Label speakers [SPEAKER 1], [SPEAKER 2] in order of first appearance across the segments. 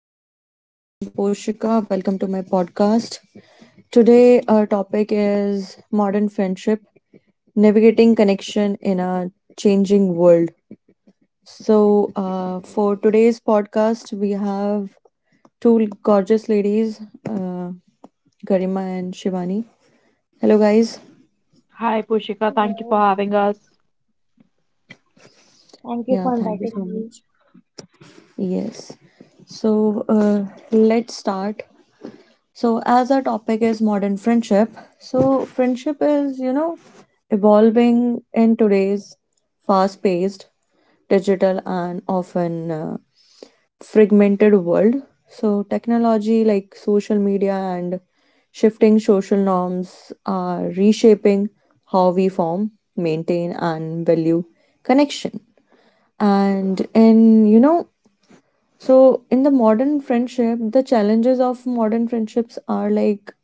[SPEAKER 1] Welcome back, guys. I'm Poshika. Welcome to my podcast. Today, our topic is modern friendship, navigating connection in a changing world. For today's podcast, we have two gorgeous ladies, uh, Garima and Shivani. Hello, guys.
[SPEAKER 2] Hi, Pushika. Thank you for
[SPEAKER 3] Hello,
[SPEAKER 2] having us.
[SPEAKER 3] thank you
[SPEAKER 1] Yeah,
[SPEAKER 3] for
[SPEAKER 1] thank you
[SPEAKER 3] inviting
[SPEAKER 1] so
[SPEAKER 3] me.
[SPEAKER 1] much. Yes. So, uh, let's start. So, as our topic is modern friendship, so friendship is, you know, evolving in today's fast paced, digital, and often fragmented world. So, technology like social media and shifting social norms are reshaping how we form, maintain, and value connection. And in, you know, so in the modern friendship, the challenges of modern friendships are like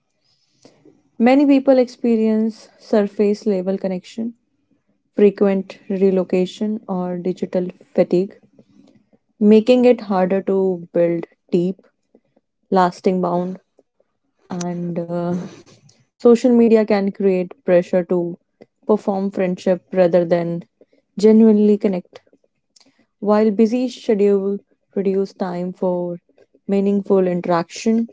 [SPEAKER 1] many people experience surface level connection, frequent relocation, or digital fatigue, making it harder to build deep, lasting bond. And social media can create pressure to perform friendship rather than genuinely connect. While busy schedule reduce time for meaningful interaction,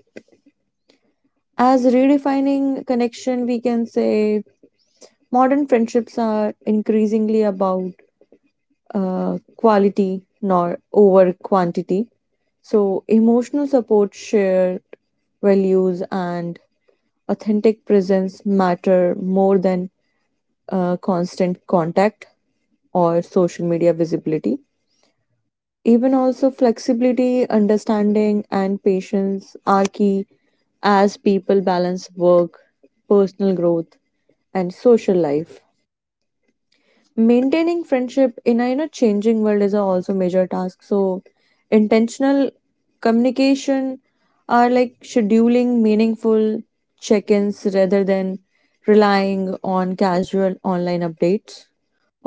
[SPEAKER 1] as redefining connection, we can say modern friendships are increasingly about quality nor over quantity. So, emotional support, shared values, and authentic presence matter more than constant contact or social media visibility. Even also, flexibility, understanding, and patience are key as people balance work, personal growth, and social life. Maintaining friendship in a, you know, changing world is a also major task. So intentional communication are like scheduling meaningful check-ins rather than relying on casual online updates,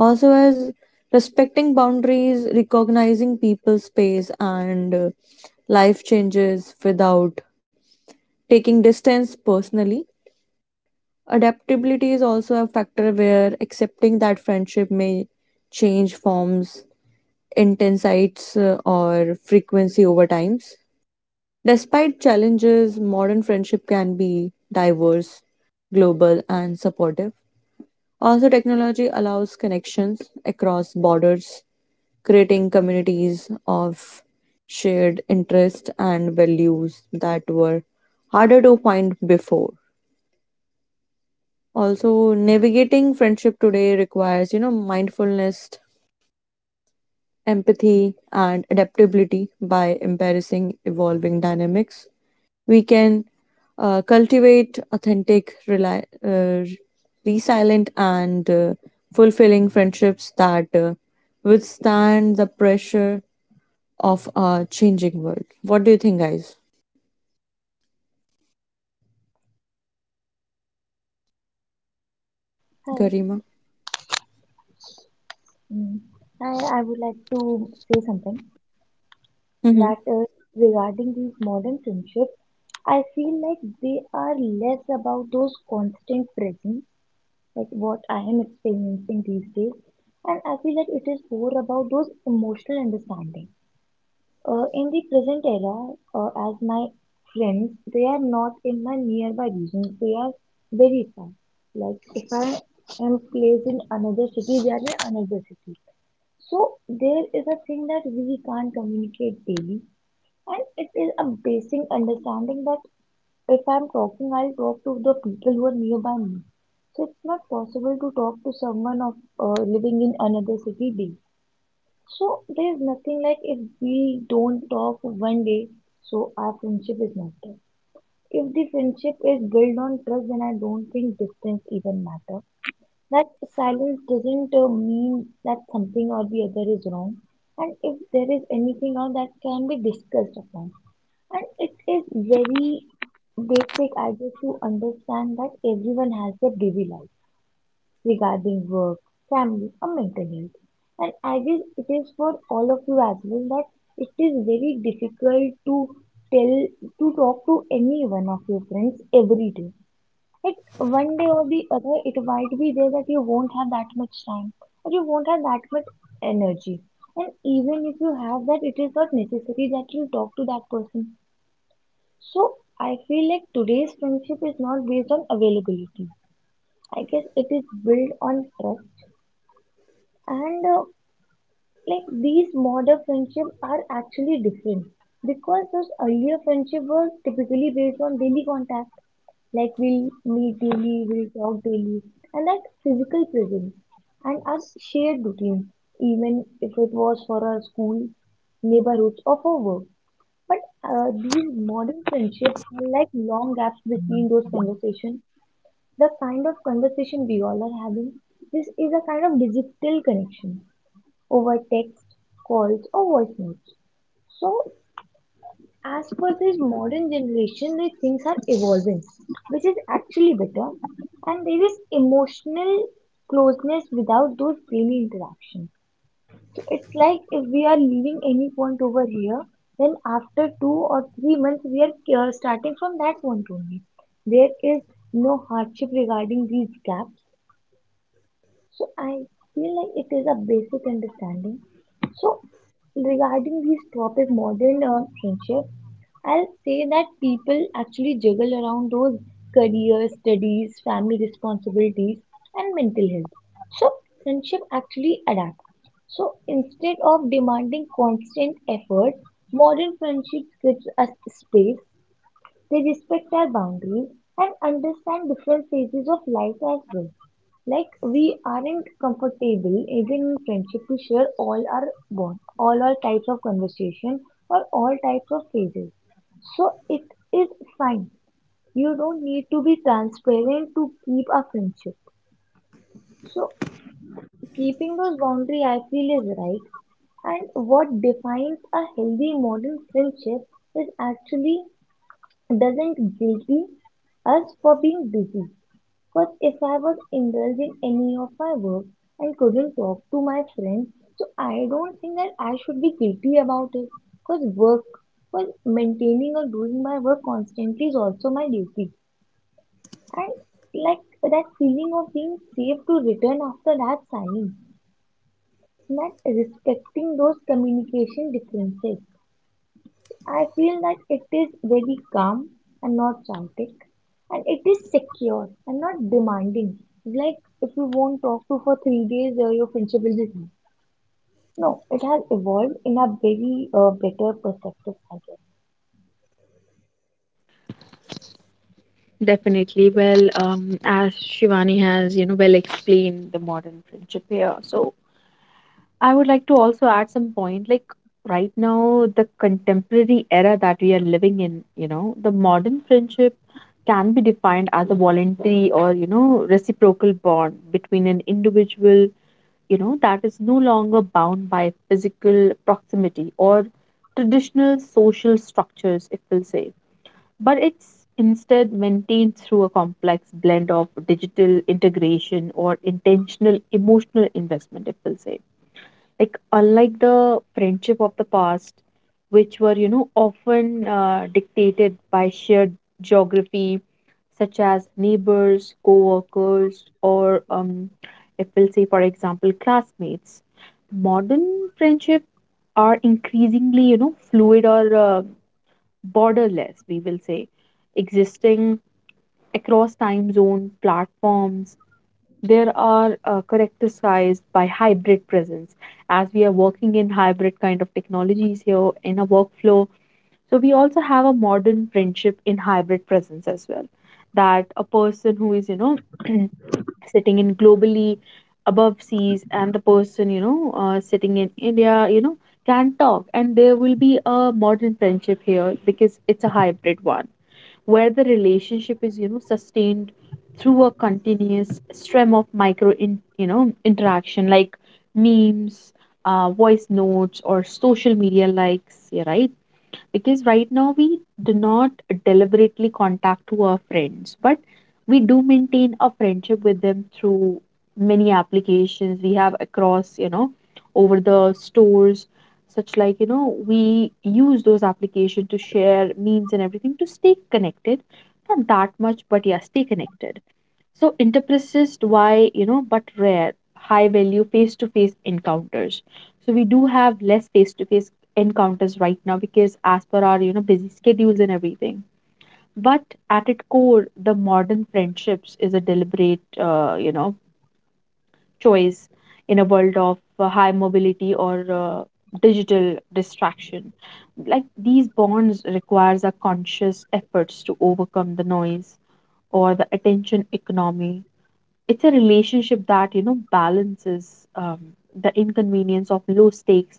[SPEAKER 1] also as respecting boundaries, recognizing people's space and life changes without taking distance personally. Adaptability is also a factor where accepting that friendship may change forms, intensities, or frequency over times. Despite challenges, modern friendship can be diverse, global, and supportive. Also, technology allows connections across borders, creating communities of shared interests and values that were harder to find before. Also, navigating friendship today requires, you know, mindfulness, empathy, and adaptability by embracing evolving dynamics. We can cultivate authentic, resilient, and fulfilling friendships that withstand the pressure of a changing world. What do you think, guys?
[SPEAKER 3] Hi.
[SPEAKER 1] Garima?
[SPEAKER 3] Mm. I would like to say something
[SPEAKER 1] Mm-hmm.
[SPEAKER 3] that regarding these modern friendships, I feel like they are less about those constant presence, like what I am experiencing these days, and I feel like it is more about those emotional understanding. In the present era, as my friends, they are not in my nearby region. They are very far. Like if I am placed in another city, they are in another city. So there is a thing that we can't communicate daily, and it is a basic understanding that if I'm talking, I'll talk to the people who are nearby me. So it's not possible to talk to someone of living in another city daily. So there's nothing like if we don't talk 1 day, so our friendship is not dead. If the friendship is built on trust, then I don't think distance even matter. That silence doesn't mean that something or the other is wrong. And if there is anything out that can be discussed upon, and it is very basic idea to understand that everyone has a busy life regarding work, family, or mental health. And I guess it is for all of you as well that it is very difficult to tell, to talk to any one of your friends every day. Like 1 day or the other, it might be there that you won't have that much time or you won't have that much energy. And even if you have that, it is not necessary that you talk to that person. So I feel like today's friendship is not based on availability. I guess it is built on trust and like these modern friendship are actually different because those earlier friendship were typically based on daily contact, like we'll meet daily, we'll talk daily, and that physical presence and our shared routine, even if it was for our school neighborhoods or for work. But these modern friendships are like long gaps between those conversations, the kind of conversation we all are having. This is a kind of digital connection over text, calls, or voice notes. So, as per this modern generation, the things are evolving, which is actually better. And there is emotional closeness without those daily interactions. So, it's like if we are leaving any point over here, then after 2 or 3 months, we are starting from that point only. There is no hardship regarding these gaps. So I feel like it is a basic understanding. So regarding this topic, modern friendship, I'll say that people actually juggle around those career, studies, family responsibilities, and mental health. So friendship actually adapts. So instead of demanding constant effort, modern friendships gives us space, they respect our boundaries and understand different phases of life as well. Like we aren't comfortable even in friendship to share all our bond, all our types of conversation or all types of phases. So it is fine. You don't need to be transparent to keep a friendship. So keeping those boundary I feel is right, and what defines a healthy modern friendship is actually doesn't guilty us for being busy. Because if I was indulged in any of my work and couldn't talk to my friends, so I don't think that I should be guilty about it. Because work, because maintaining or doing my work constantly is also my duty. And like that feeling of being safe to return after that silence, not respecting those communication differences. I feel that it is very calm and not chaotic, and it is secure and not demanding. Like if you won't talk to for 3 days, your friendship will be gone. No, it has evolved in a very better perspective, I guess.
[SPEAKER 2] Definitely. Well, as Shivani has, you know, well explained the modern friendship here. So I would like to also add some point. Like right now, the contemporary era that we are living in, you know, the modern friendship can be defined as a voluntary or, you know, reciprocal bond between an individual, you know, that is no longer bound by physical proximity or traditional social structures, if we'll say, but it's instead maintained through a complex blend of digital integration or intentional emotional investment, if we'll say. Like unlike the friendship of the past, which were, you know, often dictated by shared geography such as neighbors, co-workers, or if we'll say, for example, classmates, modern friendship are increasingly, you know, fluid or borderless, we will say, existing across time zone platforms. There are characterized by hybrid presence as we are working in hybrid kind of technologies here in a workflow. So we also have a modern friendship in hybrid presence as well. That a person who is, you know, sitting in globally above seas and the person, you know, sitting in India, you know, can talk, and there will be a modern friendship here because it's a hybrid one where the relationship is, you know, sustained through a continuous stream of micro you know, interaction like memes, voice notes, or social media likes, yeah, right, because right now we do not deliberately contact to our friends, but we do maintain a friendship with them through many applications we have across, you know, over the stores, such like, you know, we use those applications to share memes and everything to stay connected, not that much but yeah, stay connected. So interpersist why, you know, but rare, high value face to face encounters. So we do have less face to face encounters right now because as per our, you know, busy schedules and everything. But at its core, the modern friendships is a deliberate, you know, choice in a world of high mobility or digital distraction. Like these bonds requires a conscious efforts to overcome the noise or the attention economy. It's a relationship that, you know, balances the inconvenience of low stakes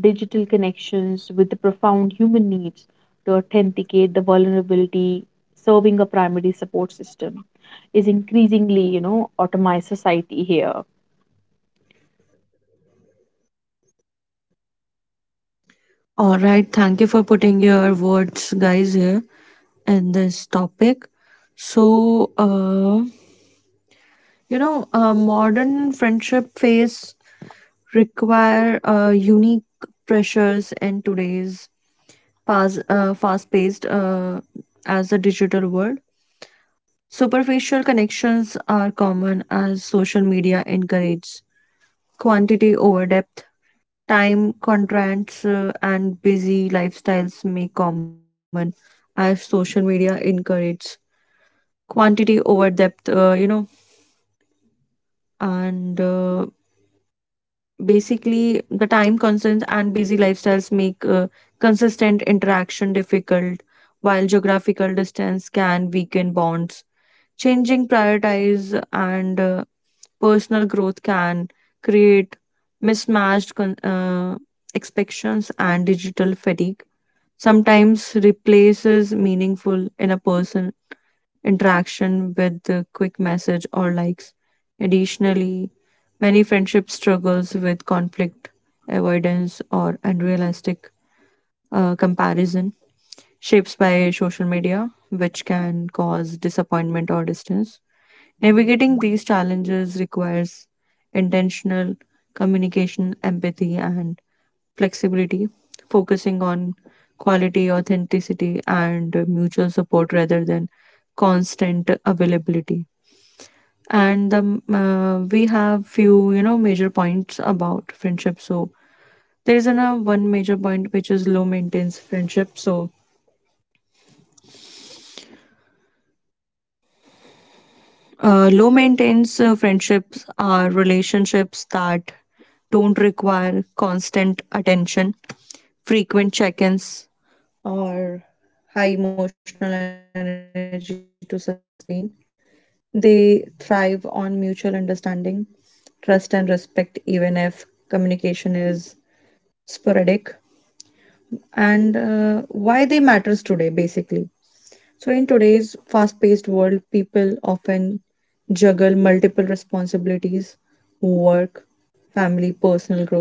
[SPEAKER 2] digital connections with the profound human needs to authenticate the vulnerability, serving a primary support system, is increasingly, you know, automized society here.
[SPEAKER 1] All right, thank you for putting your words, guys, here, in this topic. So, uh, Modern friendship phase require unique pressures in today's fast-paced as a digital world. Superficial connections are common as social media encourages quantity over depth. Time constraints and busy lifestyles make common as social media encourages quantity over depth. You know, and Basically, the time concerns and busy lifestyles make consistent interaction difficult, while geographical distance can weaken bonds, changing prioritize and personal growth can create mismatched con- uh, expectations, and digital fatigue sometimes replaces meaningful in a person interaction with the quick message or likes. Additionally, many friendship struggles with conflict, avoidance, or unrealistic comparison shapes by social media, which can cause disappointment or distance. Navigating these challenges requires intentional communication, empathy, and flexibility, focusing on quality, authenticity, and mutual support rather than constant availability. And the we have few, you know, major points about friendship. So there is an, one major point, which is low maintenance friendship. So low maintenance friendships are relationships that don't require constant attention, frequent check-ins, or high emotional energy to sustain. They thrive on mutual understanding, trust, and respect, even if communication is sporadic. And why they matters today, basically. So in today's fast paced world, people often juggle multiple responsibilities: work, family, personal growth.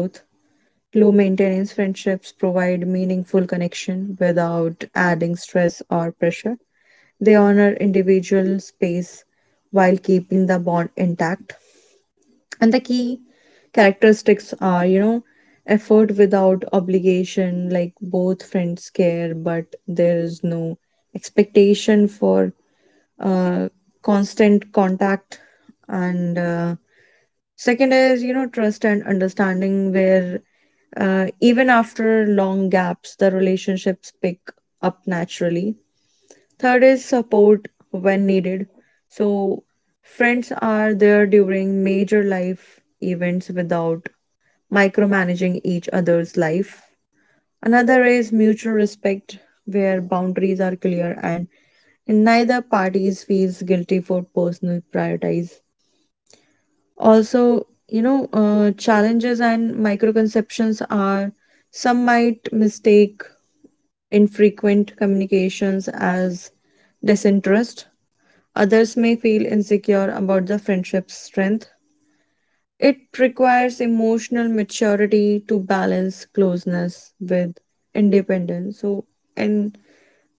[SPEAKER 1] Low maintenance friendships provide meaningful connection without adding stress or pressure. They honor individual space while keeping the bond intact. And the key characteristics are, you know, effort without obligation, like both friends care, but there is no expectation for uh, constant contact. And second is, you know, trust and understanding, where even after long gaps, the relationships pick up naturally. Third is support when needed. So friends are there during major life events without micromanaging each other's life. Another is mutual respect, where boundaries are clear and neither parties feels guilty for personal priorities. Also, you know, challenges and microconceptions are some might mistake infrequent communications as disinterest. Others may feel insecure about the friendship's strength. It requires emotional maturity to balance closeness with independence. So, in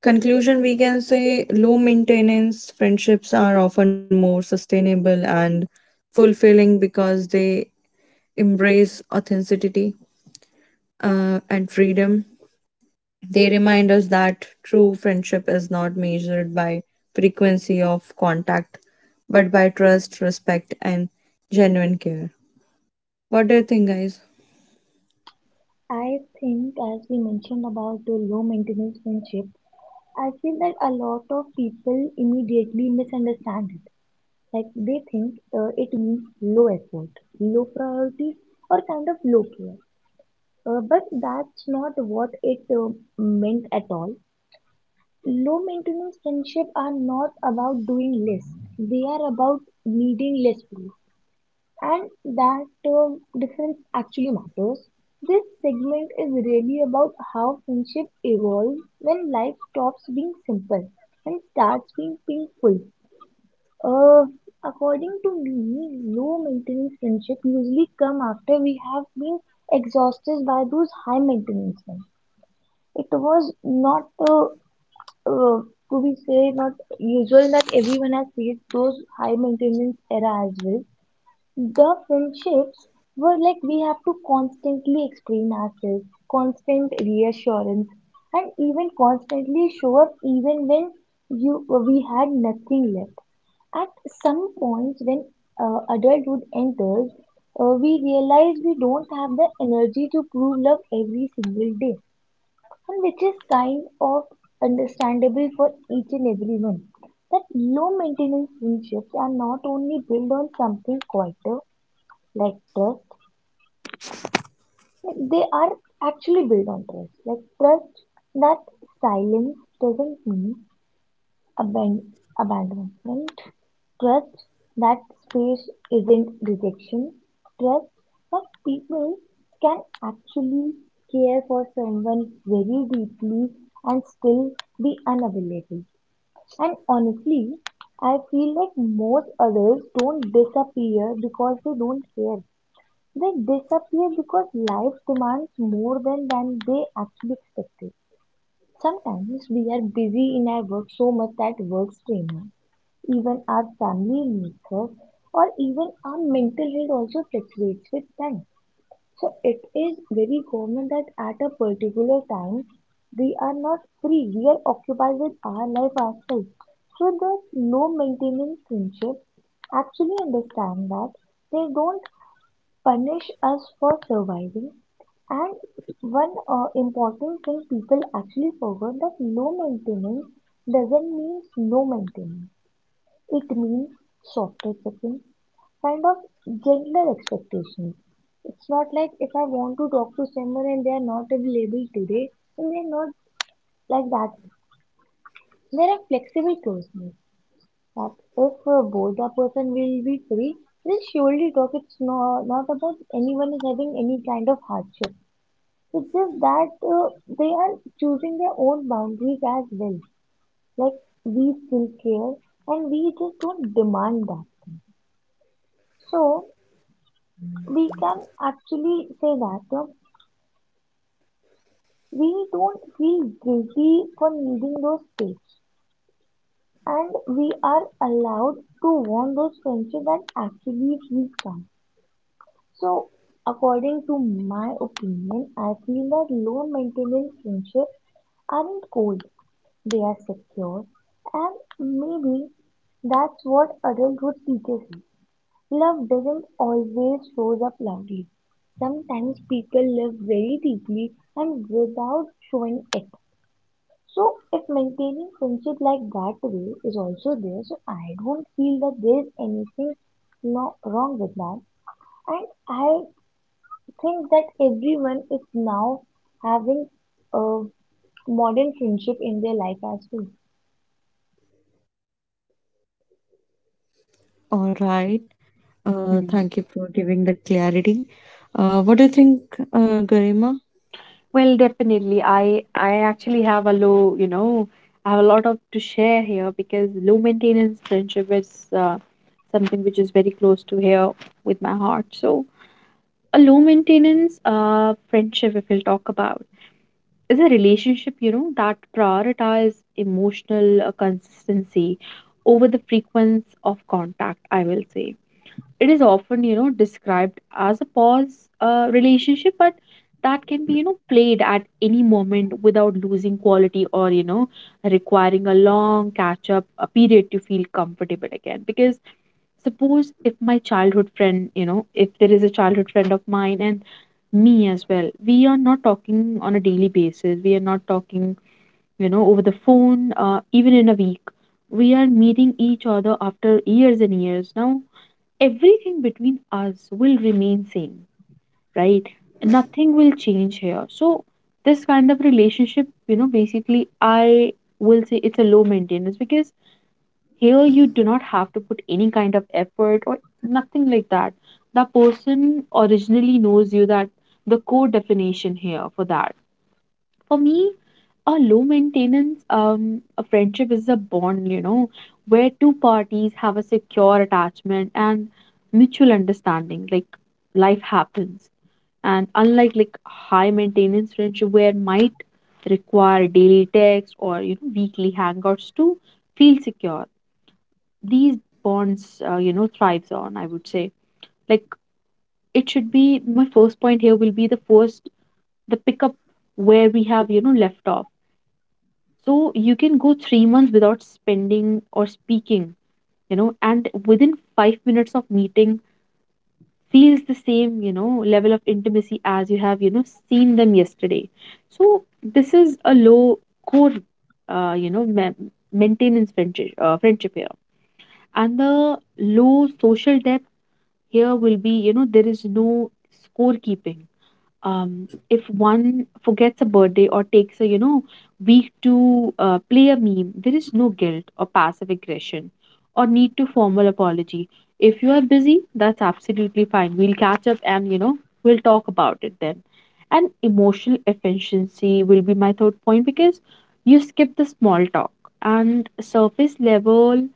[SPEAKER 1] conclusion, we can say low maintenance friendships are often more sustainable and fulfilling because they embrace authenticity and freedom. They remind us that true friendship is not measured by frequency of contact, but by trust, respect, and genuine care. What do you think, guys?
[SPEAKER 3] I think as we mentioned about the low maintenance friendship, I feel that a lot of people immediately misunderstand it. Like they think it means low effort, low priority, or kind of low care. But that's not what it meant at all. Low maintenance friendship are not about doing less. They are about needing less proof. And that difference actually matters. This segment is really about how friendship evolves when life stops being simple and starts being painful. Uh, According to me, low maintenance friendship usually come after we have been exhausted by those high maintenance ones. It was not uh, uh, to be say not usual that everyone has faced those high maintenance era as well. The friendships were like we have to constantly explain ourselves, constant reassurance, and even constantly show up even when you we had nothing left. At some points when adulthood enters, we realize we don't have the energy to prove love every single day, and which is kind of understandable for each and everyone, that low maintenance friendships are not only built on something quieter like trust. Like they are actually built on trust, like trust that silence doesn't mean aban- abandonment. Trust that space isn't rejection. Trust that people can actually care for someone very deeply and still be unavailable. And honestly, I feel like most others don't disappear because they don't care. They disappear because life demands more than they actually expected. Sometimes we are busy in our work so much that work strains us, even our family needs us, or even our mental health also fluctuates with time. So it is very common that at a particular time we are not free, we are occupied with our life ourselves. So the low maintenance friendship actually understand that they don't punish us for surviving. And one important thing people actually forget, that low maintenance doesn't mean no maintenance. It means softer checking, kind of gentler expectations. It's not like if I want to talk to someone and they are not available today, then they're not, like that. There are flexible closeness that if both the person will be free, they'll surely talk. It's not about anyone is having any kind of hardship. It's just that they are choosing their own boundaries as well. Like we still care, and we just don't demand that thing. So we can actually say that we don't feel guilty for needing those space, and we are allowed to want those friendships that actually we can. So, according to my opinion, I feel that low maintenance friendships aren't cold, they are secure, and maybe that's what adulthood teaches us. Love doesn't always shows up loudly. Sometimes people live very deeply and without showing it. So if maintaining friendship like that way is also there, so I don't feel that there's anything, no, wrong with that. And I think that everyone is now having a modern friendship in their life as well.
[SPEAKER 1] All right.
[SPEAKER 2] Hmm.
[SPEAKER 1] Thank you for giving the clarity. What do you think, Garima?
[SPEAKER 2] Well, definitely, I actually have a low, you know, I have a lot of to share here because low maintenance friendship is uh, something which is very close to here with my heart. So a low maintenance friendship, if we'll talk about, is a relationship, you know, that prioritize emotional consistency over the frequency of contact, I will say. It is often, you know, described as a pause relationship, but that can be, you know, played at any moment without losing quality or, you know, requiring a long catch up a period to feel comfortable again. Because suppose if my childhood friend, you know, if there is a childhood friend of mine and me as well, we are not talking on a daily basis, we are not talking, you know, over the phone even in a week, we are meeting each other after years and years. Now everything between us will remain same, right? Nothing will change here. So this kind of relationship, you know, basically I will say it's a low maintenance because here you do not have to put any kind of effort or nothing like that. The person originally knows you. That the core definition here, for that, for me, a low maintenance a friendship is a bond, you know, where two parties have a secure attachment and mutual understanding. Like life happens, and unlike like high maintenance friendship, where might require daily text or, you know, weekly hangouts to feel secure. These bonds, you know, thrives on. I would say, like, it should be my first point here, will be the first the pickup where we have, you know, left off. So you can go 3 months without spending or speaking, you know, and within 5 minutes of meeting feels the same, you know, level of intimacy as you have, you know, seen them yesterday. So this is a low core, you know, maintenance friendship, friendship here. And the low social depth here will be, you know, there is no scorekeeping, if one forgets a birthday or takes a, you know, week to play a meme, there is no guilt or passive aggression or need to formal apology. If you are busy, that's absolutely fine. We'll catch up and, you know, we'll talk about it then. And emotional efficiency will be my third point because you skip the small talk and surface level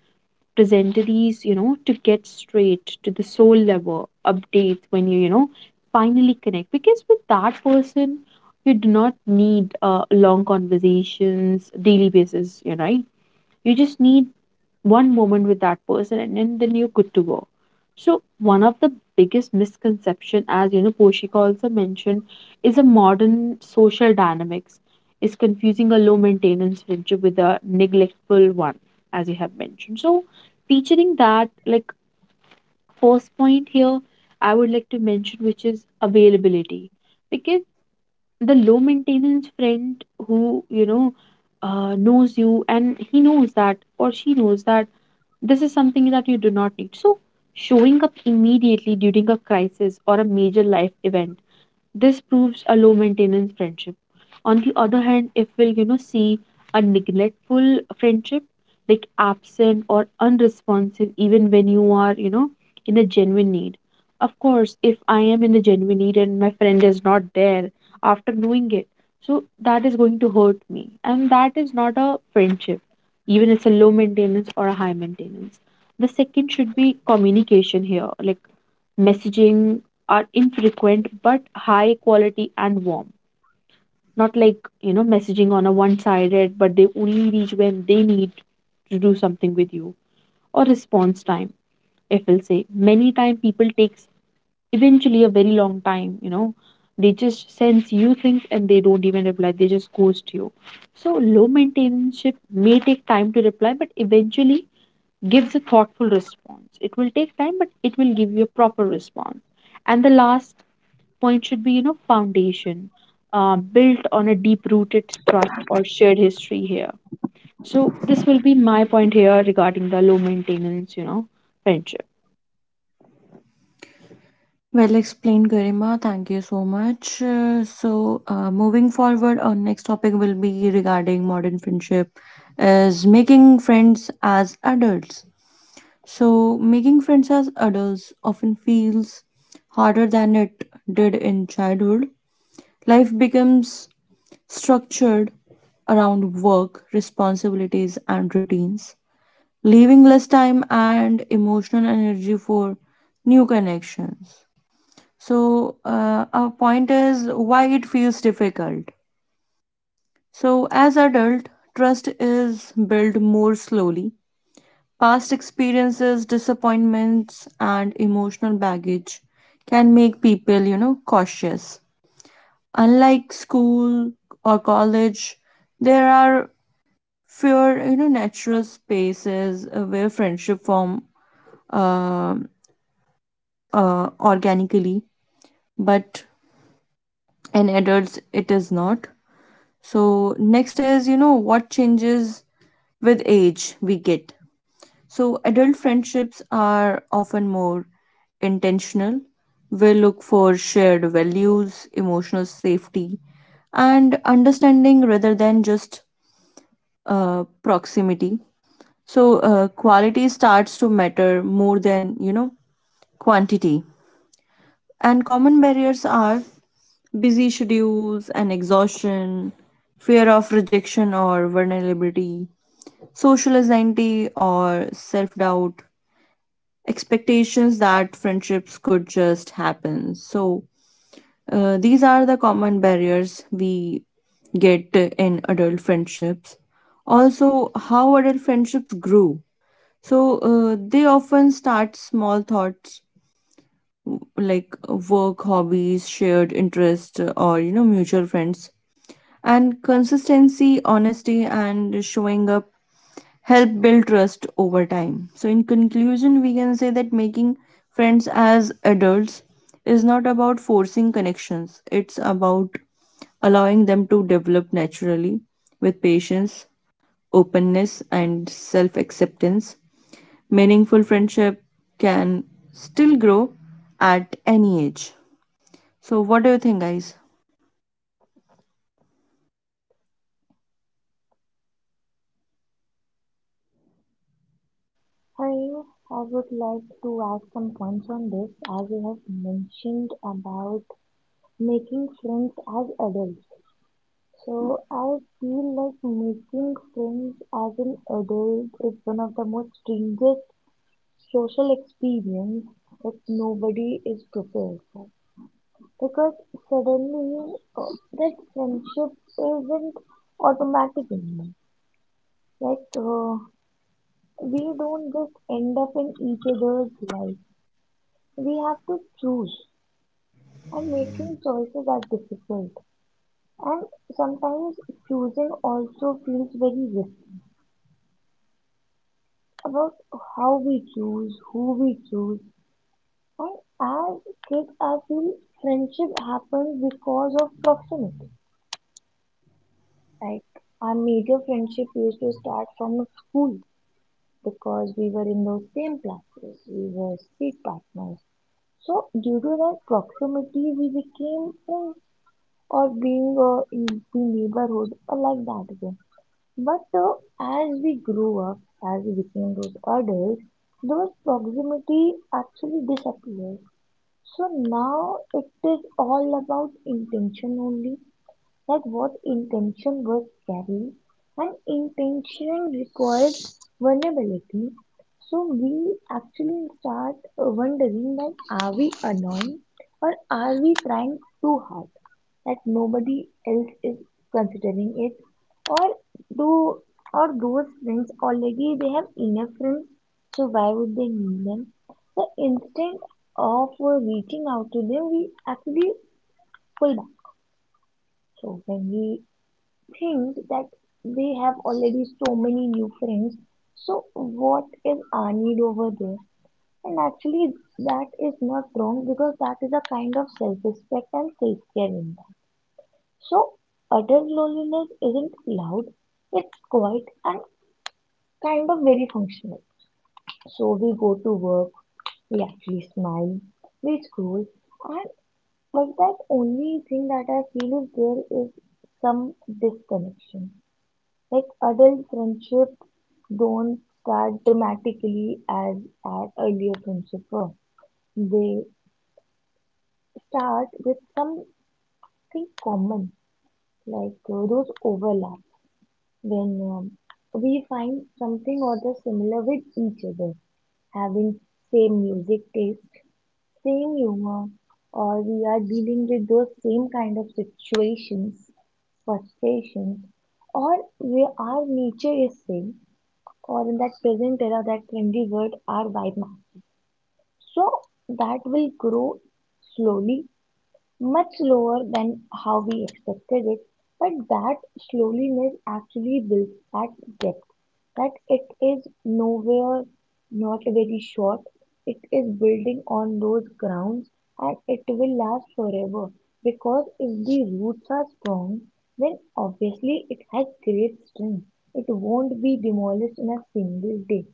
[SPEAKER 2] presentees, you know, to get straight to the soul level updates when you know, finally connect. Because with that person, you do not need long conversations, daily basis, you know, right? You just need one moment with that person, and then you're good to go. So one of the biggest misconception, as you know, Poshika also mentioned, is a modern social dynamics is confusing a low maintenance friendship with a neglectful one, as you have mentioned. So featuring that, like first point here, I would like to mention, which is availability. Because the low maintenance friend who, you know, knows you and he knows that, or she knows that, this is something that you do not need. So, showing up immediately during a crisis or a major life event, this proves a low maintenance friendship. On the other hand, if we'll, you know, see a neglectful friendship, like absent or unresponsive, even when you are, you know, in a genuine need. Of course, if I am in a genuine need and my friend is not there after knowing it, so that is going to hurt me, and that is not a friendship, even it's a low maintenance or a high maintenance. The second should be communication here, like messaging are infrequent but high quality and warm, not like, you know, messaging on a one sided but they only reach when they need to do something with you. Or response time, if I'll say, many time people takes eventually a very long time, you know, they just sense you things and they don't even reply, they just ghost you. So low maintenance ship may take time to reply but eventually gives a thoughtful response. It will take time but it will give you a proper response. And the last point should be, you know, foundation built on a deep rooted trust or shared history here. So this will be my point here regarding the low maintenance, you know, friendship.
[SPEAKER 1] Well explained, Garima. Thank you so much. Moving forward, our next topic will be regarding modern friendship is making friends as adults. So, making friends as adults often feels harder than it did in childhood. Life becomes structured around work, responsibilities, and routines, leaving less time and emotional energy for new connections. So, our point is why it feels difficult. So, as adult, trust is built more slowly. Past experiences, disappointments, and emotional baggage can make people, you know, cautious. Unlike school or college, there are fewer, you know, natural spaces where friendship form uh, organically, but in adults it is not. So next is, you know, what changes with age we get. So, adult friendships are often more intentional. We look for shared values, emotional safety, and understanding rather than just proximity. So, quality starts to matter more than, you know, quantity. And common barriers are busy schedules and exhaustion, fear of rejection or vulnerability, social anxiety or self doubt, expectations that friendships could just happen. So, these are the common barriers we get in adult friendships. Also, how adult friendships grew. So, they often start small thoughts like work, hobbies, shared interest, or, you know, mutual friends. And consistency, honesty, and showing up help build trust over time. So, in conclusion, we can say that making friends as adults is not about forcing connections, it's about allowing them to develop naturally with patience, openness, and self acceptance. Meaningful friendship can still grow at any age. So, what do you think, guys?
[SPEAKER 3] I I would like to add some points on this as you have mentioned about making friends as adults. So I feel like making friends as an adult is one of the most strangest social experience that nobody is prepared for. Because suddenly that friendship isn't automatic anymore. Like we don't just end up in each other's life. We have to choose, and making choices are difficult. And sometimes choosing also feels very risky about how we choose, who we choose. And as kids, I feel friendship happens because of proximity. Like our major friendship used to start from school because we were in those same classes, we were seat partners. So due to that proximity, we became friends, or being in the neighborhood or like that again. But as we grew up, as we became those adults, those proximity actually disappears. So now it is all about intention only, that what intention was carried, and intention requires vulnerability. So we actually start wondering that are we annoying or are we trying too hard, that nobody else is considering it? Or do, or those friends already they have enough friends, so why would they need them? So instead of reaching out to them, we actually pull back. So when we think that they have already so many new friends, so what is our need over there? And actually, that is not wrong, because that is a kind of self-respect and self-care in that. So adult loneliness isn't loud, it's quiet and kind of very functional. So we go to work, we actually smile, we scroll, and but that only thing that I feel is there is some disconnection. Like adult friendship don't start dramatically as our earlier friendship were. They start with something common, like those overlaps when we find something or the similar with each other, having same music taste, same humor, or we are dealing with those same kind of situations, frustrations, or we, our nature is same, or in that present era, that trendy word, our vibe. So that will grow slowly, much lower than how we expected it, but that slowness actually builds that depth. That it is nowhere, not very short. It is building on those grounds and it will last forever, because if the roots are strong, then obviously it has great strength. It won't be demolished in a single day.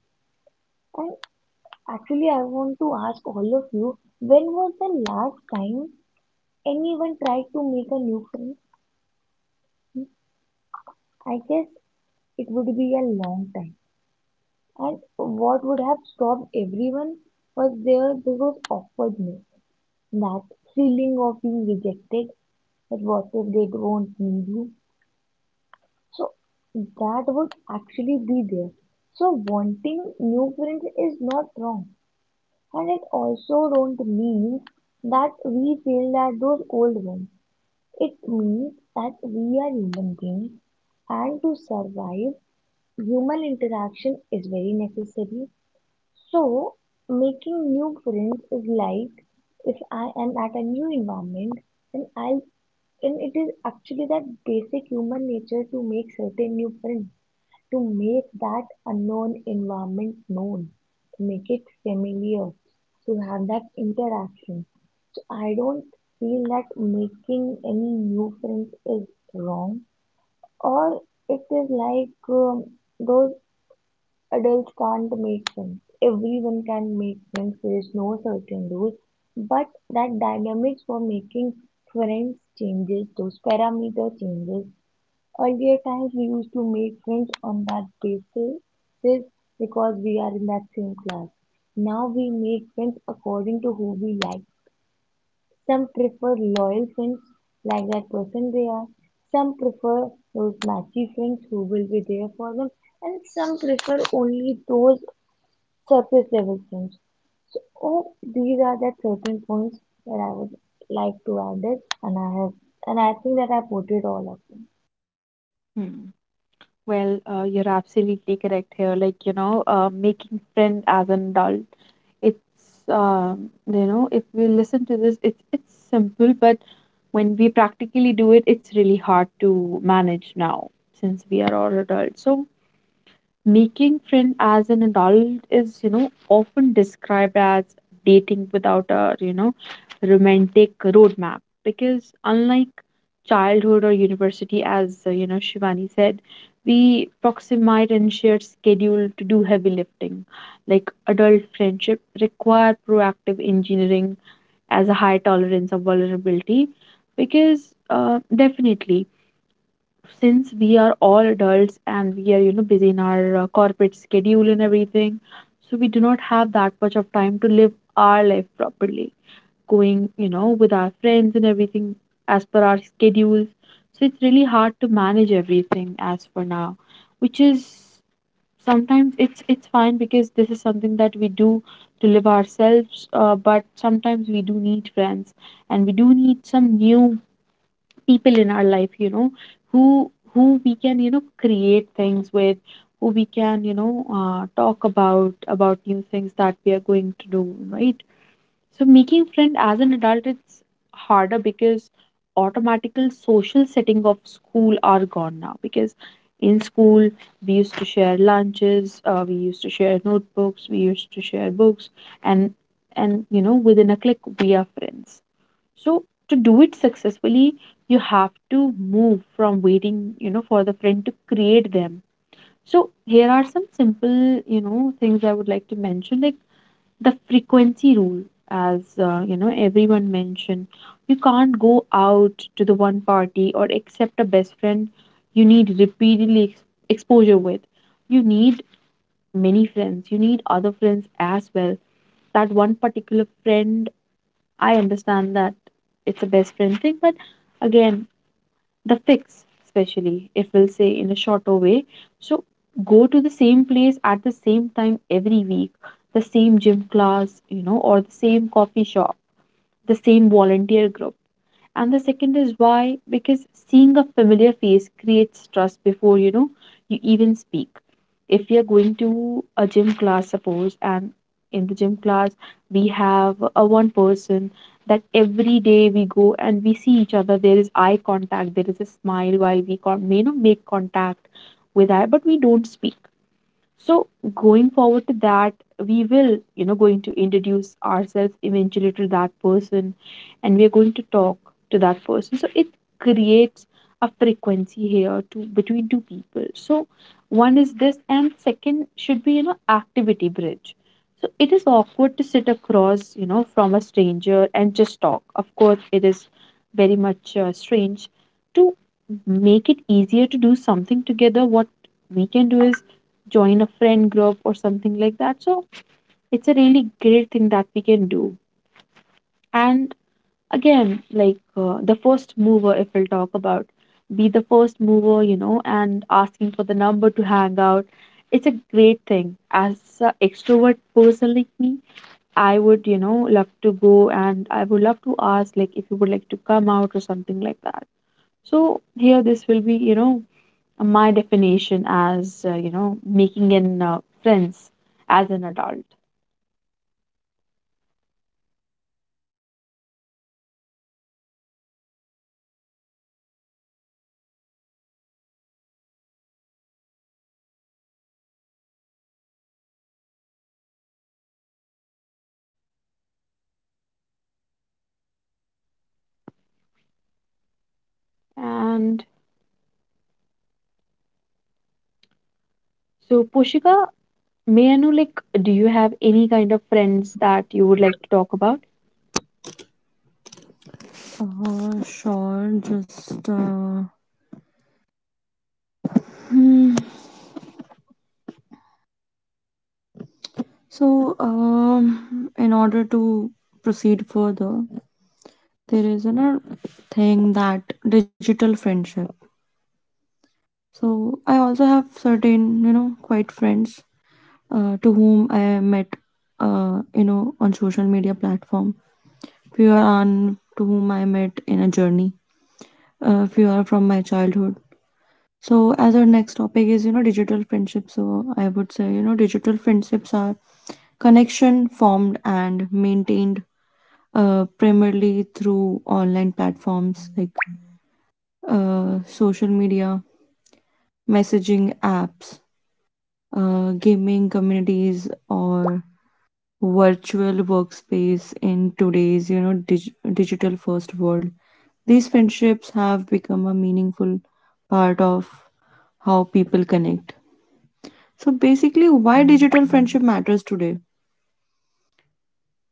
[SPEAKER 3] And actually, I want to ask all of you, when was the last time anyone try to make a new friend? I guess it would be a long time. And what would have stopped everyone? Was there was awkwardness, that feeling of being rejected, that what if they don't need you? So that would actually be there. So wanting new friends is not wrong. And it also don't mean that we feel that those old ones. It means that we are human beings, and to survive, human interaction is very necessary. So, making new friends is like if I am at a new environment, then I'll, and it is actually that basic human nature to make certain new friends, to make that unknown environment known, to make it familiar, to have that interaction. So I don't feel that making any new friends is wrong, or it is like those adults can't make friends. Everyone can make friends, there is no certain rule. But that dynamics for making friends changes, those parameter changes. Earlier times we used to make friends on that basis because we are in that same class. Now we make friends according to who we like. Some prefer loyal friends like that person they are. Some prefer those matchy friends who will be there for them. And some prefer only those surface level friends. So oh, these are the certain points that I would like to add it, and I have and I think that I put it all up.
[SPEAKER 2] Hmm. Well, you're absolutely correct here. Like, you know, making friend as an adult, it's, you know, if we listen to this, it's simple, but when we practically do it, it's really hard to manage now since we are all adults. So, making friend as an adult is, you know, often described as dating without a, you know, romantic roadmap because unlike childhood or university, as you know, Shivani said, we proximate and shared schedule to do heavy lifting. Like adult friendship require proactive engineering as a high tolerance of vulnerability because definitely since we are all adults and we are, you know, busy in our corporate schedule and everything, so we do not have that much of time to live our life properly, going, you know, with our friends and everything as per our schedules. So it's really hard to manage everything as for now. Which is, sometimes it's fine because this is something that we do to live ourselves, but sometimes we do need friends and we do need some new people in our life, you know, who who we can, you know, create things with, who we can, you know, talk about new things that we are going to do, right? So making friend as an adult, it's harder because automatical social setting of school are gone now because in school we used to share lunches, we used to share notebooks, we used to share books, and and you know, within a click we are friends. So to do it successfully, you have to move from waiting, you know, for the friend to create them. So here are some simple, you know, things I would like to mention, like the frequency rule, as you know, everyone mentioned. You can't go out to the one party or accept a best friend you need repeatedly exposure with. You need many friends. You need other friends as well. That one particular friend, I understand that it's a best friend thing, but again, the fix, especially if we'll say in a shorter way. So go to the same place at the same time every week, the same gym class, you know, or the same coffee shop, the same volunteer group. And the second is why, because seeing a familiar face creates trust before you know you even speak. If we are going to a gym class suppose, and in the gym class we have a one person that every day we go and we see each other, there is eye contact, there is a smile while we make contact with eye, but we don't speak. So going forward to that, we will, you know, going to introduce ourselves eventually to that person, and we are going to talk to that person. So it creates a frequency here to between two people. So one is this and second should be, you know, activity bridge. So it is awkward to sit across, you know, from a stranger and just talk. Of course, it is very much strange to make it easier to do something together. What we can do is join a friend group or something like that. So it's a really great thing that we can do. And again, like the first mover, if we'll talk about, be the first mover, you know, and asking for the number to hang out. It's a great thing. As an extrovert person like me, I would, you know, love to go and I would love to ask, like, if you would like to come out or something like that. So here, this will be, you know, my definition as making an friends as an adult. And so Pushika, may I know, like, do you have any kind of friends that you would like to talk about?
[SPEAKER 1] Sure, just so in order to proceed further, there is another thing that digital friendship. So I also have certain, you know, quite friends to whom I met you know, on social media platform, few are on to whom I met in a journey, few are from my childhood. So as our next topic is, you know, digital friendship, so I would say, you know, digital friendships are connection formed and maintained primarily through online platforms like social media, messaging apps, gaming communities, or virtual workspace in today's, you know, digital first world. These friendships have become a meaningful part of how people connect. So basically, why digital friendship matters today.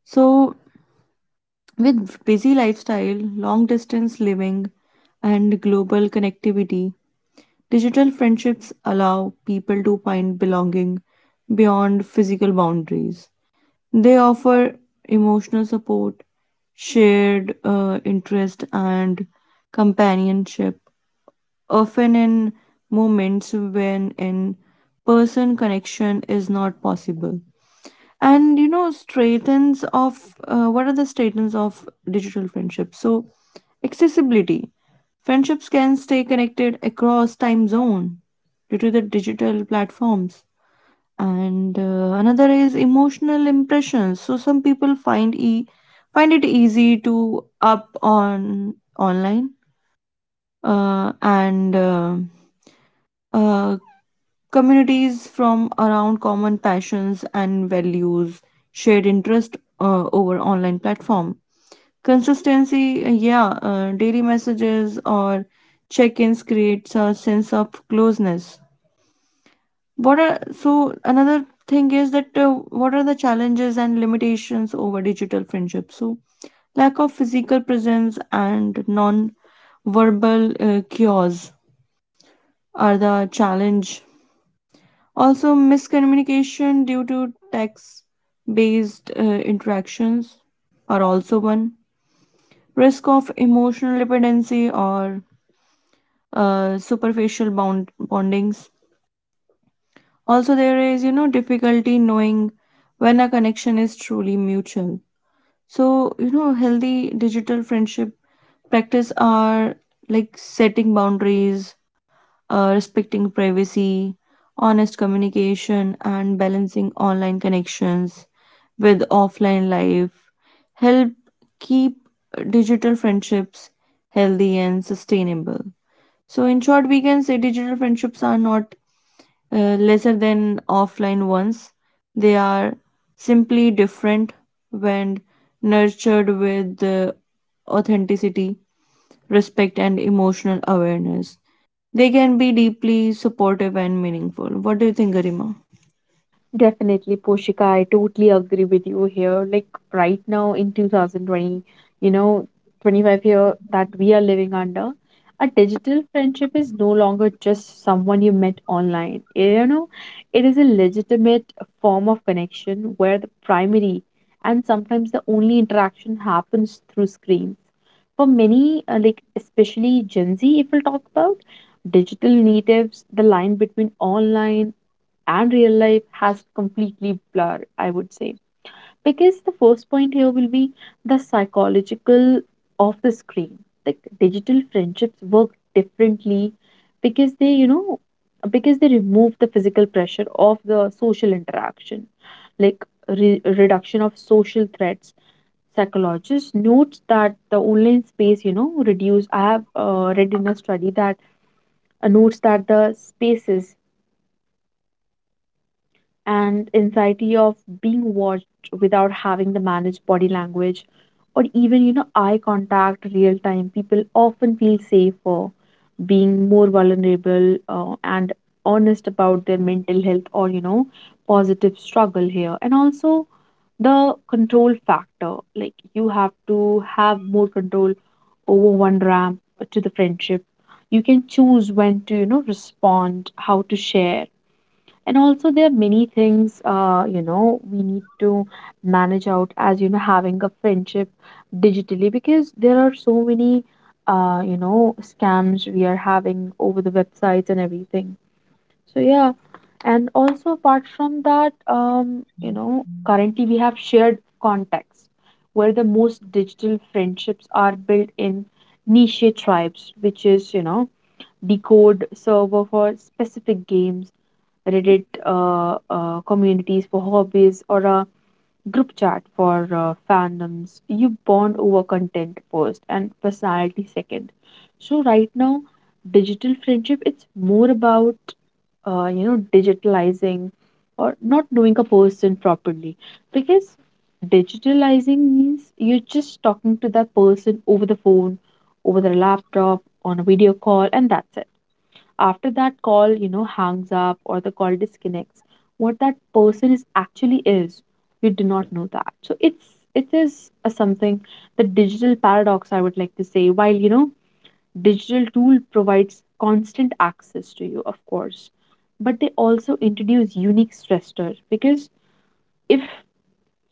[SPEAKER 1] So with busy lifestyle, long distance living, and global connectivity, digital friendships allow people to find belonging beyond physical boundaries. They offer emotional support, shared interest, and companionship, often in moments when in person connection is not possible. And, you know, strengths of what are the strengths of digital friendships? So, accessibility. Friendships can stay connected across time zone due to the digital platforms. And another is emotional impressions, so some people find e find it easy to up on online and uh, communities from around common passions and values, shared interest over online platform. Consistency, daily messages or check-ins creates a sense of closeness. What are, so another thing is that, what are the challenges and limitations over digital friendship? So lack of physical presence and non-verbal cues are the challenge. Also miscommunication due to text-based interactions are also one. Risk of emotional dependency or superficial bondings. Also, there is, you know, difficulty knowing when a connection is truly mutual. So, you know, healthy digital friendship practice are like setting boundaries, respecting privacy, honest communication, and balancing online connections with offline life. Help keep digital friendships healthy and sustainable. So, in short, we can say digital friendships are not lesser than offline ones. They are simply different. When nurtured with authenticity, respect, and emotional awareness, they can be deeply supportive and meaningful. What do you think, Garima?
[SPEAKER 2] Definitely, Poshika, I totally agree with you here. Like right now in 2020, you know, 25 year that we are living under, a digital friendship is no longer just someone you met online. You know, it is a legitimate form of connection where the primary and sometimes the only interaction happens through screens. For many, like especially Gen Z, if we'll talk about, digital natives, the line between online and real life has completely blurred, I would say. Because the first point here will be the psychological of the screen. Like digital friendships work differently because they, you know, because they remove the physical pressure of the social interaction, like reduction of social threats. Psychologist notes that the online space, you know, reduce, I have read in a study that notes that the spaces and anxiety of being watched without having to manage body language or even, you know, eye contact real time, people often feel safer being more vulnerable and honest about their mental health, or you know, positive struggle here. And also the control factor, like you have to have more control over one ramp to the friendship. You can choose when to, you know, respond, how to share. And also there are many things, you know, we need to manage out, as you know, having a friendship digitally, because there are so many, you know, scams we are having over the websites and everything. So yeah. And also apart from that, you know, currently we have shared contacts where the most digital friendships are built in niche tribes, which is, you know, decode server for specific games, Reddit communities for hobbies, or a group chat for fandoms. You bond over content first and personality second. So right now, digital friendship, it's more about, you know, digitalizing or not knowing a person properly, because digitalizing means you're just talking to that person over the phone, over their laptop, on a video call, and that's it. After that call, you know, hangs up or the call disconnects, what that person is actually is, we do not know that. So it is a something, the digital paradox, I would like to say. While you know, digital tool provides constant access to you, of course, but they also introduce unique stressors. Because if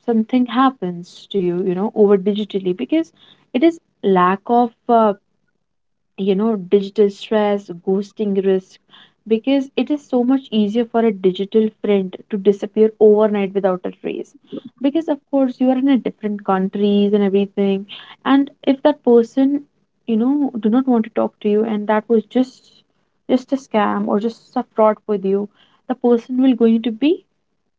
[SPEAKER 2] something happens to you, you know, over digitally, because it is lack of you know, digital stress, ghosting risk, because it is so much easier for a digital friend to disappear overnight without a trace, because of course you are in a different countries and everything. And if that person, you know, do not want to talk to you, and that was just a scam or just a fraud with you, the person will going to be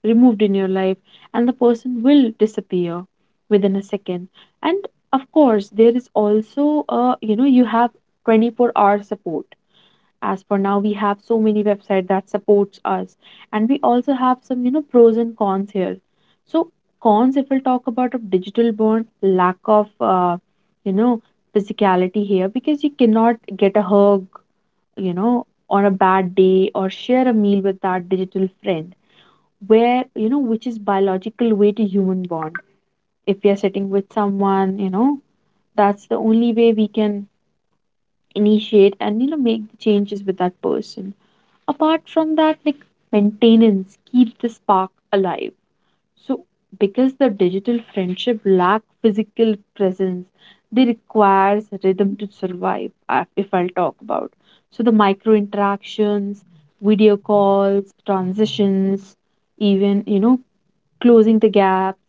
[SPEAKER 2] removed in your life, and the person will disappear within a second. And of course there is also a, you know, you have 24-hour support. As for now, we have so many website that supports us. And we also have some, you know, pros and cons here. So cons, if we'll talk about of digital bond, lack of you know, physicality here, because you cannot get a hug, you know, on a bad day, or share a meal with that digital friend, where you know, which is biological way to human bond. If we are sitting with someone, you know, that's the only way we can initiate and, you know, make the changes with that person. Apart from that, like, maintenance, keep the spark alive. So because the digital friendship lack physical presence, they requires rhythm to survive, if I'll talk about. So the micro interactions, video calls transitions, even, you know, closing the gaps,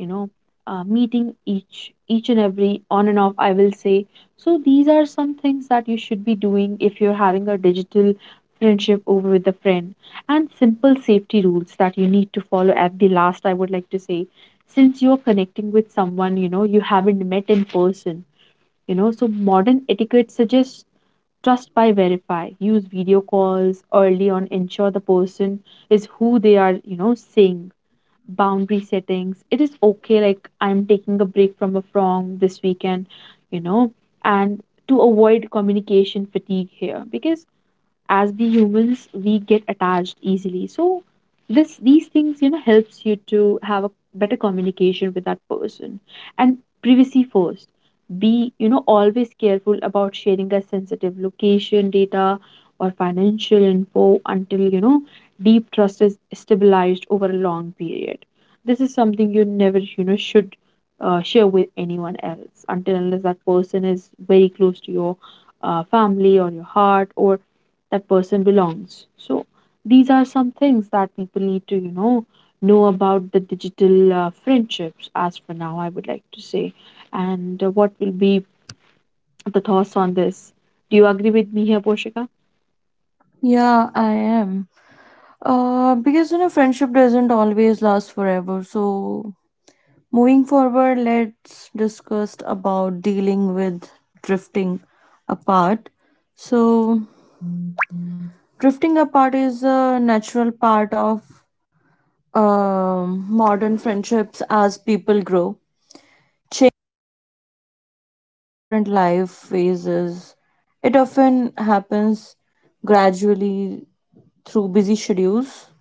[SPEAKER 2] you know, meeting each and every on and off, I will say. So these are some things that you should be doing if you're having a digital friendship over with a friend. And simple safety rules that you need to follow, at the last I would like to say. Since you're connecting with someone, you know, you haven't met in person, you know, so modern etiquette suggests, trust by verify, use video calls early on, ensure the person is who they are, you know, saying. Boundary settings. It is okay, like, I'm taking a break from a from this weekend, you know, and to avoid communication fatigue here, because as we humans we get attached easily. So this these things, you know, helps you to have a better communication with that person. And privacy first, be, you know, always careful about sharing a sensitive location data or financial info until, you know, deep trust is stabilized over a long period. This is something you never, you know, should share with anyone else, until unless that person is very close to your family or your heart or that person belongs. So these are some things that people need to, you know about the digital friendships. As for now, I would like to say. And what will be the thoughts on this? Do you agree with me here, Poshika?
[SPEAKER 1] Yeah, I am. Because, you know, friendship doesn't always last forever. So, moving forward, let's discuss about dealing with drifting apart. So, drifting apart is a natural part of um modern friendships as people grow, change to different life phases. It often happens gradually through busy schedules,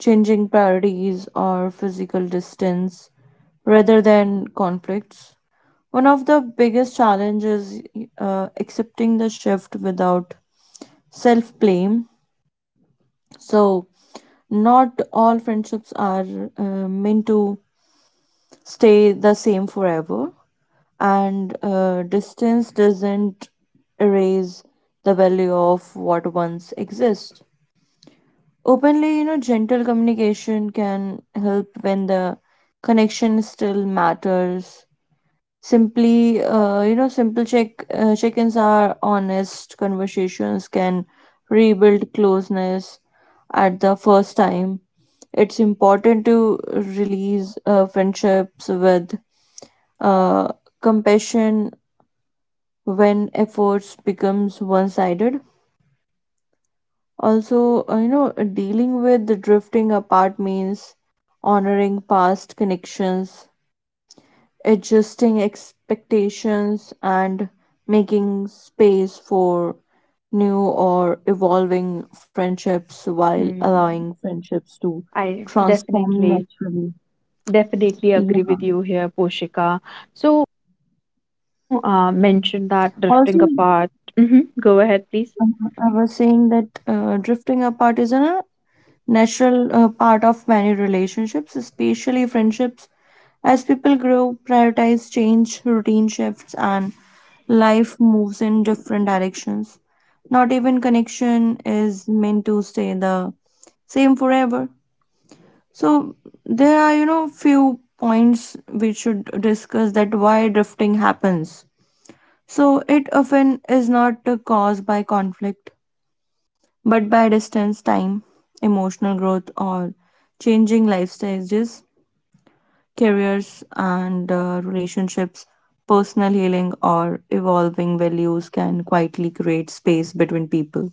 [SPEAKER 1] changing priorities, or physical distance rather than conflicts. One of the biggest challenges accepting the shift without self blame. So, not all friendships are uh, meant to stay the same forever, and distance doesn't erase the value of what once exists openly. Gentle communication can help when the connection still matters. Simply, simple check-ins are honest conversations can rebuild closeness at the first time. It's important to release friendships with uh, compassion when efforts becomes one-sided. Also, dealing with the drifting apart means honoring past connections, adjusting expectations, and making space for new or evolving friendships while allowing
[SPEAKER 2] Hmm.
[SPEAKER 1] friendships to
[SPEAKER 2] I
[SPEAKER 1] transform
[SPEAKER 2] definitely,
[SPEAKER 1] naturally.
[SPEAKER 2] definitely agree
[SPEAKER 1] Yeah,
[SPEAKER 2] with you here, Poshika. So, you know, mentioned that
[SPEAKER 1] also,
[SPEAKER 2] drifting apart. Hmm. Go ahead, please.
[SPEAKER 1] I was saying that drifting apart is an natural part of many relationships, especially friendships. As people grow, prioritize change, routine shifts, and life moves in different directions. Not even connection is meant to stay the same forever. So there are, you know, few points we should discuss that why drifting happens. So it often is not caused by conflict but by distance, time, emotional growth, or changing life stages, careers and relationships, personal healing, or evolving values can quietly create space between people.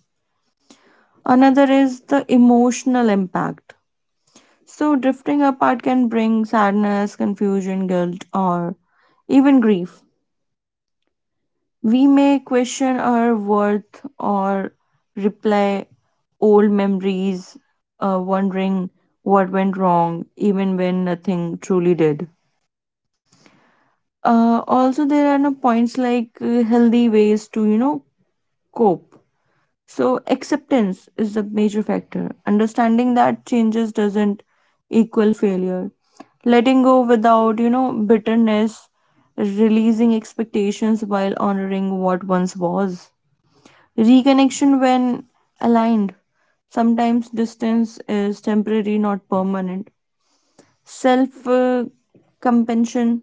[SPEAKER 1] Another is the emotional impact. So, drifting apart can bring sadness, confusion, guilt, or even grief. We may question our worth or replay old memories, wondering what went wrong, even when nothing truly did. Also, there are no points like healthy ways to, you know, cope. So, acceptance is the major factor. Understanding that changes doesn't equal failure. Letting go without, you know, bitterness, releasing expectations while honoring what once was. Reconnection when aligned. Sometimes distance is temporary, not permanent. Self Compassion,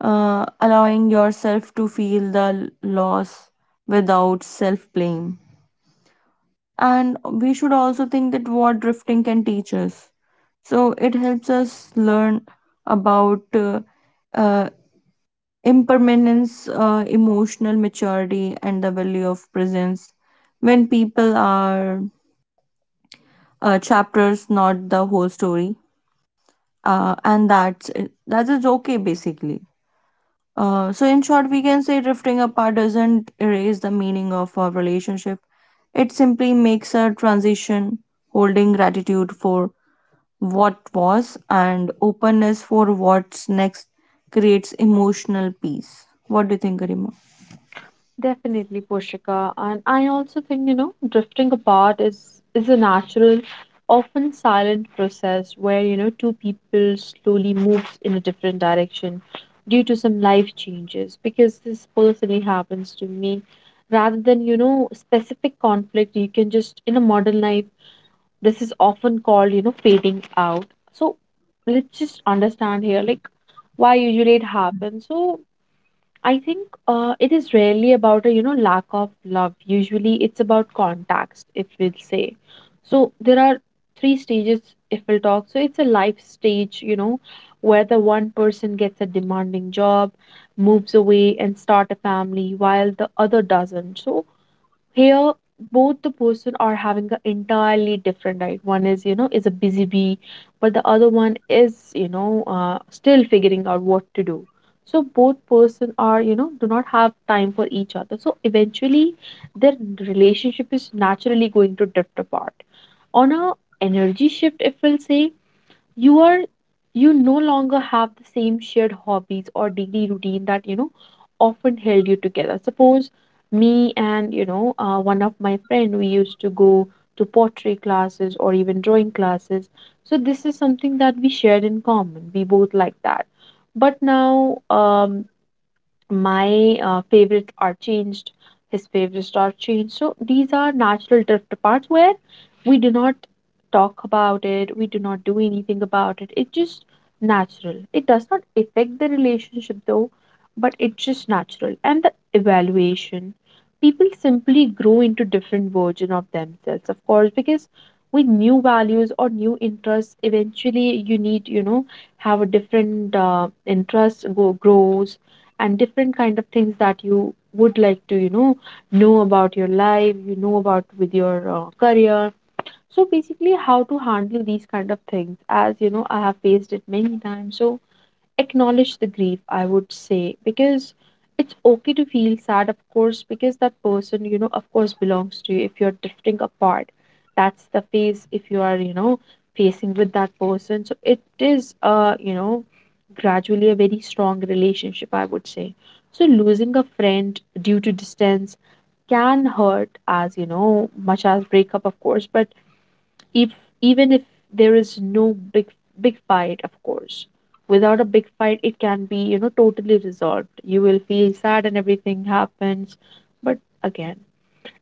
[SPEAKER 1] allowing yourself to feel the loss without self blame. And we should also think that what drifting can teach us. So it helps us learn about uh, impermanence, emotional maturity, and the value of presence. When people are chapters, not the whole story. And that's it. That is okay, basically. So, in short, we can say drifting apart doesn't erase the meaning of our relationship. It simply makes a transition, holding gratitude for what was and openness for what's next creates emotional peace. What do you think, Garima?
[SPEAKER 2] Definitely, Poshika. And I also think, you know, drifting apart is a natural, often silent process where, you know, two people slowly moves in a different direction due to some life changes. Because this personally happens to me. Rather than, you know, specific conflict, you can just, in a modern life, this is often called, you know, fading out. So let's just understand here, like, why usually it happens. So I think it is rarely about a, you know, lack of love. Usually, it's about contacts, if we'll say. So there are three stages, if we'll talk. So it's a life stage, you know, where the one person gets a demanding job, moves away, and start a family, while the other doesn't. So here both the person are having an entirely different right one is is a busy bee but the other one is still figuring out what to do. So both person are do not have time for each other, so eventually their relationship is naturally going to drift apart on a energy shift, if we'll say. You are you no longer have the same shared hobbies or daily routine that often held you together. Suppose me and one of my friend, we used to go to pottery classes or even drawing classes. So this is something that we shared in common, we both like that. But now my favorites are changed, his favorites are changed. So these are natural drift parts where we do not talk about it, we do not do anything about it, it's just natural. It does not affect the relationship though, but it's just natural. And the evaluation, people simply grow into different version of themselves, of course, because with new values or new interests, eventually you need have a different interest go grows and different kind of things that you would like to know about your life, you know about with your career. So basically how to handle these kind of things, as I have faced it many times. So acknowledge the grief, I would say, because it's okay to feel sad, of course, because that person, of course belongs to you. If you're drifting apart, that's the phase. If you are facing with that person, so it is gradually a very strong relationship, I would say. So losing a friend due to distance can hurt as much as breakup, of course. But if, even if, there is no big fight, of course, without a big fight it can be totally resolved. You will feel sad and everything happens, but again,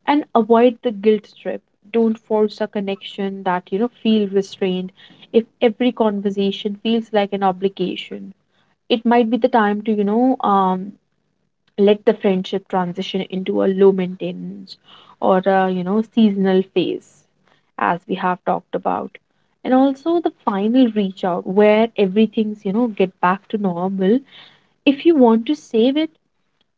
[SPEAKER 2] and avoid the guilt trip. Don't force a connection that feel restrained. If every conversation feels like an obligation, it might be the time to let the friendship transition into a low maintenance or a seasonal phase, as we have talked about. And also the final reach out, where everything's get back to normal. If you want to save it,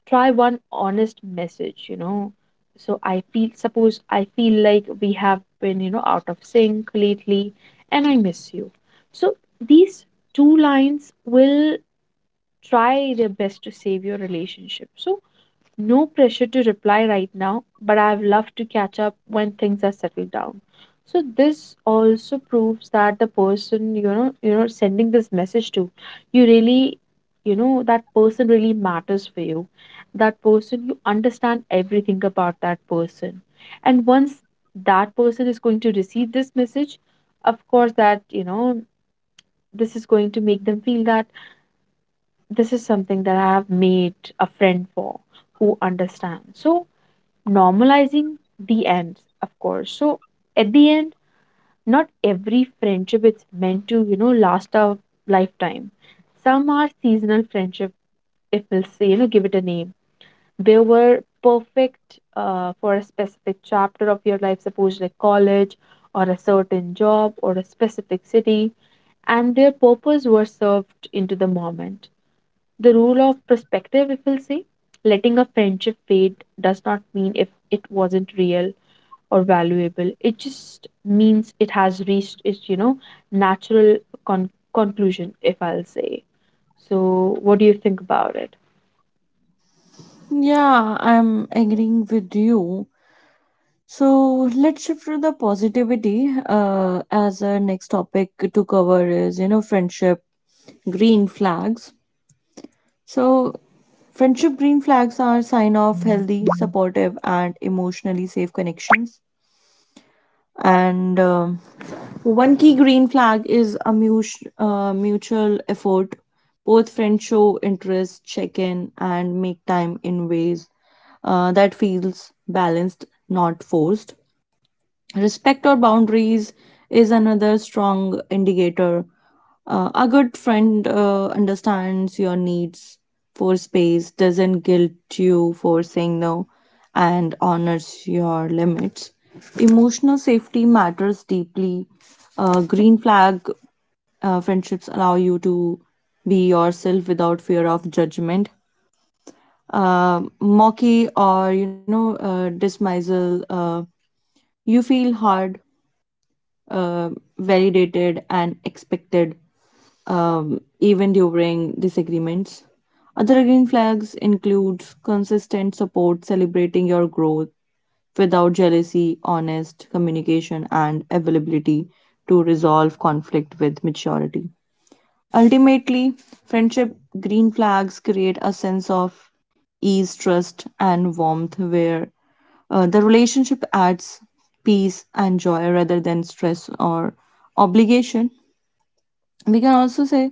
[SPEAKER 2] try one honest message, you know. So I feel, suppose I feel like we have been out of sync lately and I miss you. So these two lines will try their best to save your relationship. So no pressure to reply right now, but I've loved to catch up when things are settled down. So this also proves that the person sending this message to, you really that person really matters for you. That person you understand everything about that person. And once that person is going to receive this message, of course that this is going to make them feel that this is something that I have made a friend for who understands. So normalizing the ends, of course. So at the end, not every friendship is meant to, last a lifetime. Some are seasonal friendship, if we'll say, give it a name. They were perfect for a specific chapter of your life, suppose like college or a certain job or a specific city, and their purpose were served into the moment. The rule of perspective, if we'll say, letting a friendship fade does not mean if it wasn't real or valuable, it just means it has reached its natural conclusion, if I'll say. So what do you think about it?
[SPEAKER 1] Yeah, I'm agreeing with you. So let's shift to the positivity, as our next topic to cover is, you know, friendship green flags. So friendship green flags are sign of healthy, supportive, and emotionally safe connections. And one key green flag is a mutual effort. Both friends show interest, check in, and make time in ways that feels balanced, not forced. Respect our boundaries is another strong indicator. A good friend understands your needs for space, doesn't guilt you for saying no, and honors your limits. Emotional safety matters deeply. Green flag friendships allow you to be yourself without fear of judgment, mocky or dismissal. You feel hard, uh, validated and expected, even during disagreements. Other green flags include consistent support, celebrating your growth without jealousy, honest communication, and availability to resolve conflict with maturity. Ultimately, friendship green flags create a sense of ease, trust, and warmth where the relationship adds peace and joy rather than stress or obligation. We can also say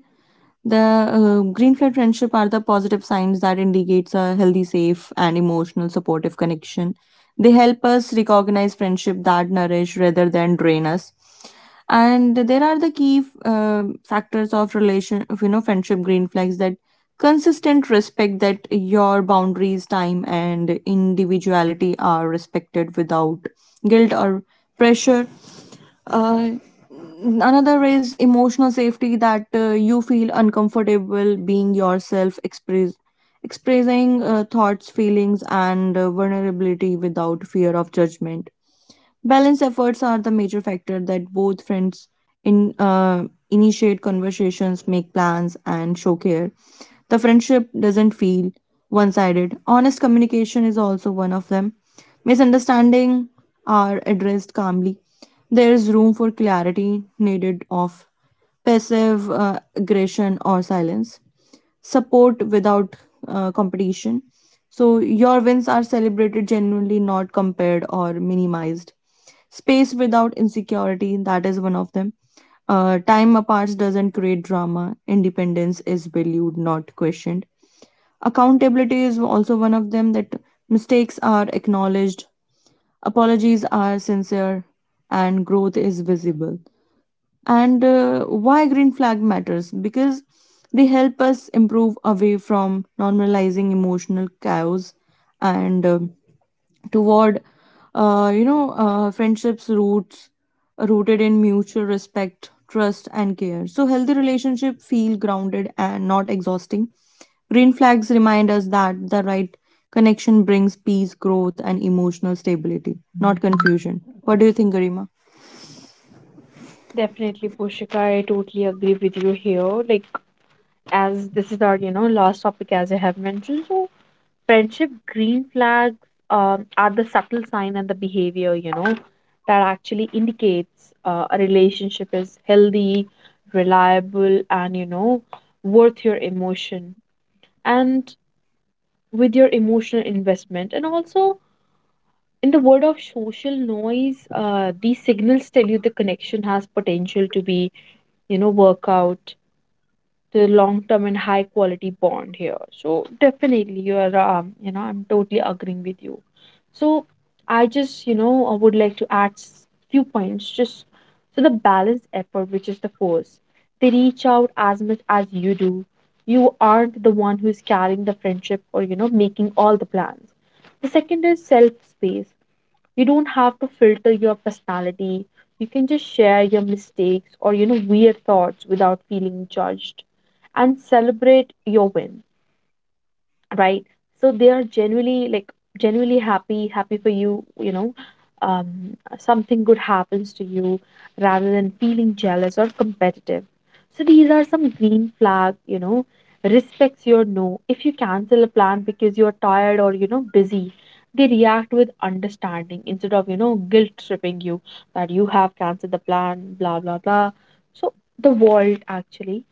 [SPEAKER 1] the green flag friendship are the positive signs that indicates a healthy, safe, and emotional supportive connection. They help us recognize friendship that nourish rather than drain us, and there are the key factors of relation of, you know, friendship green flags that consistent respect that your boundaries, time, and individuality are respected without guilt or pressure. uh, Another is emotional safety, that you feel uncomfortable being yourself, expressing thoughts, feelings, and vulnerability without fear of judgment. Balanced efforts are the major factor, that both friends in initiate conversations, make plans, and show care. The friendship doesn't feel one sided. Honest communication is also one of them. Misunderstanding are addressed calmly. There is room for clarity needed of passive aggression or silence, support without competition. So your wins are celebrated genuinely, not compared or minimized. Space without insecurity, that is one of them. Time apart doesn't create drama. Independence is valued, not questioned. Accountability is also one of them, that mistakes are acknowledged, apologies are sincere, and growth is visible. And why green flag matters, because they help us improve away from normalizing emotional chaos and toward friendships roots rooted in mutual respect, trust, and care. So healthy relationship feel grounded and not exhausting. Green flags remind us that the right connection brings peace, growth, and emotional stability, not confusion. What do you think, Garima?
[SPEAKER 2] Definitely, Pushika. I totally agree with you here. Like, as this is our, last topic, as I have mentioned. So friendship green flags are the subtle sign and the behavior, that actually indicates a relationship is healthy, reliable, and, worth your emotion. And with your emotional investment and also in the world of social noise, these signals tell you the connection has potential to be work out the long term and high quality bond here. So definitely you are I'm totally agreeing with you. So I just I would like to add few points just. So the balanced effort, which is the force, they reach out as much as you do. You aren't the one who is carrying the friendship or making all the plans. The second is self space, you don't have to filter your personality, you can just share your mistakes or weird thoughts without feeling judged and celebrate your wins, right? So they are genuinely, like, genuinely happy for you, you know, something good happens to you rather than feeling jealous or competitive. So these are some green flag, you know, respects your no. If you cancel a plan because you're tired or busy, they react with understanding instead of guilt tripping you that you have cancelled the plan, blah blah blah. So the world actually,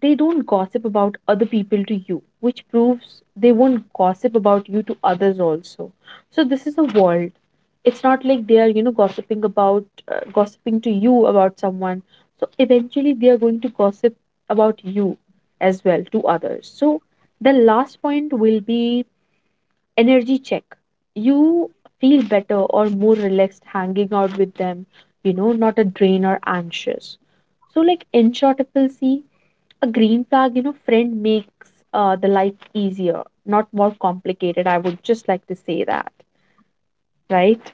[SPEAKER 2] they don't gossip about other people to you, which proves they won't gossip about you to others also. So this is a world. It's not like they are, you know, gossiping about, gossiping to you about someone. So eventually they are going to gossip about you as well to others. So the last point will be energy check. You feel better or more relaxed hanging out with them, you know, not a drain or anxious. So, like, in short, people see a green flag, you know, friend makes the life easier, not more complicated. I would just like to say that, right?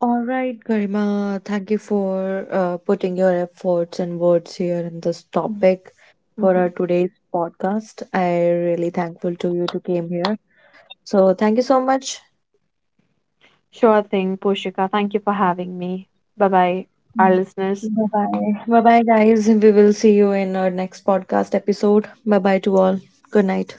[SPEAKER 1] All right, Garima, thank you for putting your efforts and words here in this topic for our
[SPEAKER 2] Mhm.
[SPEAKER 1] today's podcast. I really thankful to you to came here. So thank you so much.
[SPEAKER 2] Sure thing, Pushika. Thank you for having me. Bye bye, our listeners.
[SPEAKER 1] Bye bye. Bye bye, guys. We will see you in our next podcast episode. Bye bye to all. Good night.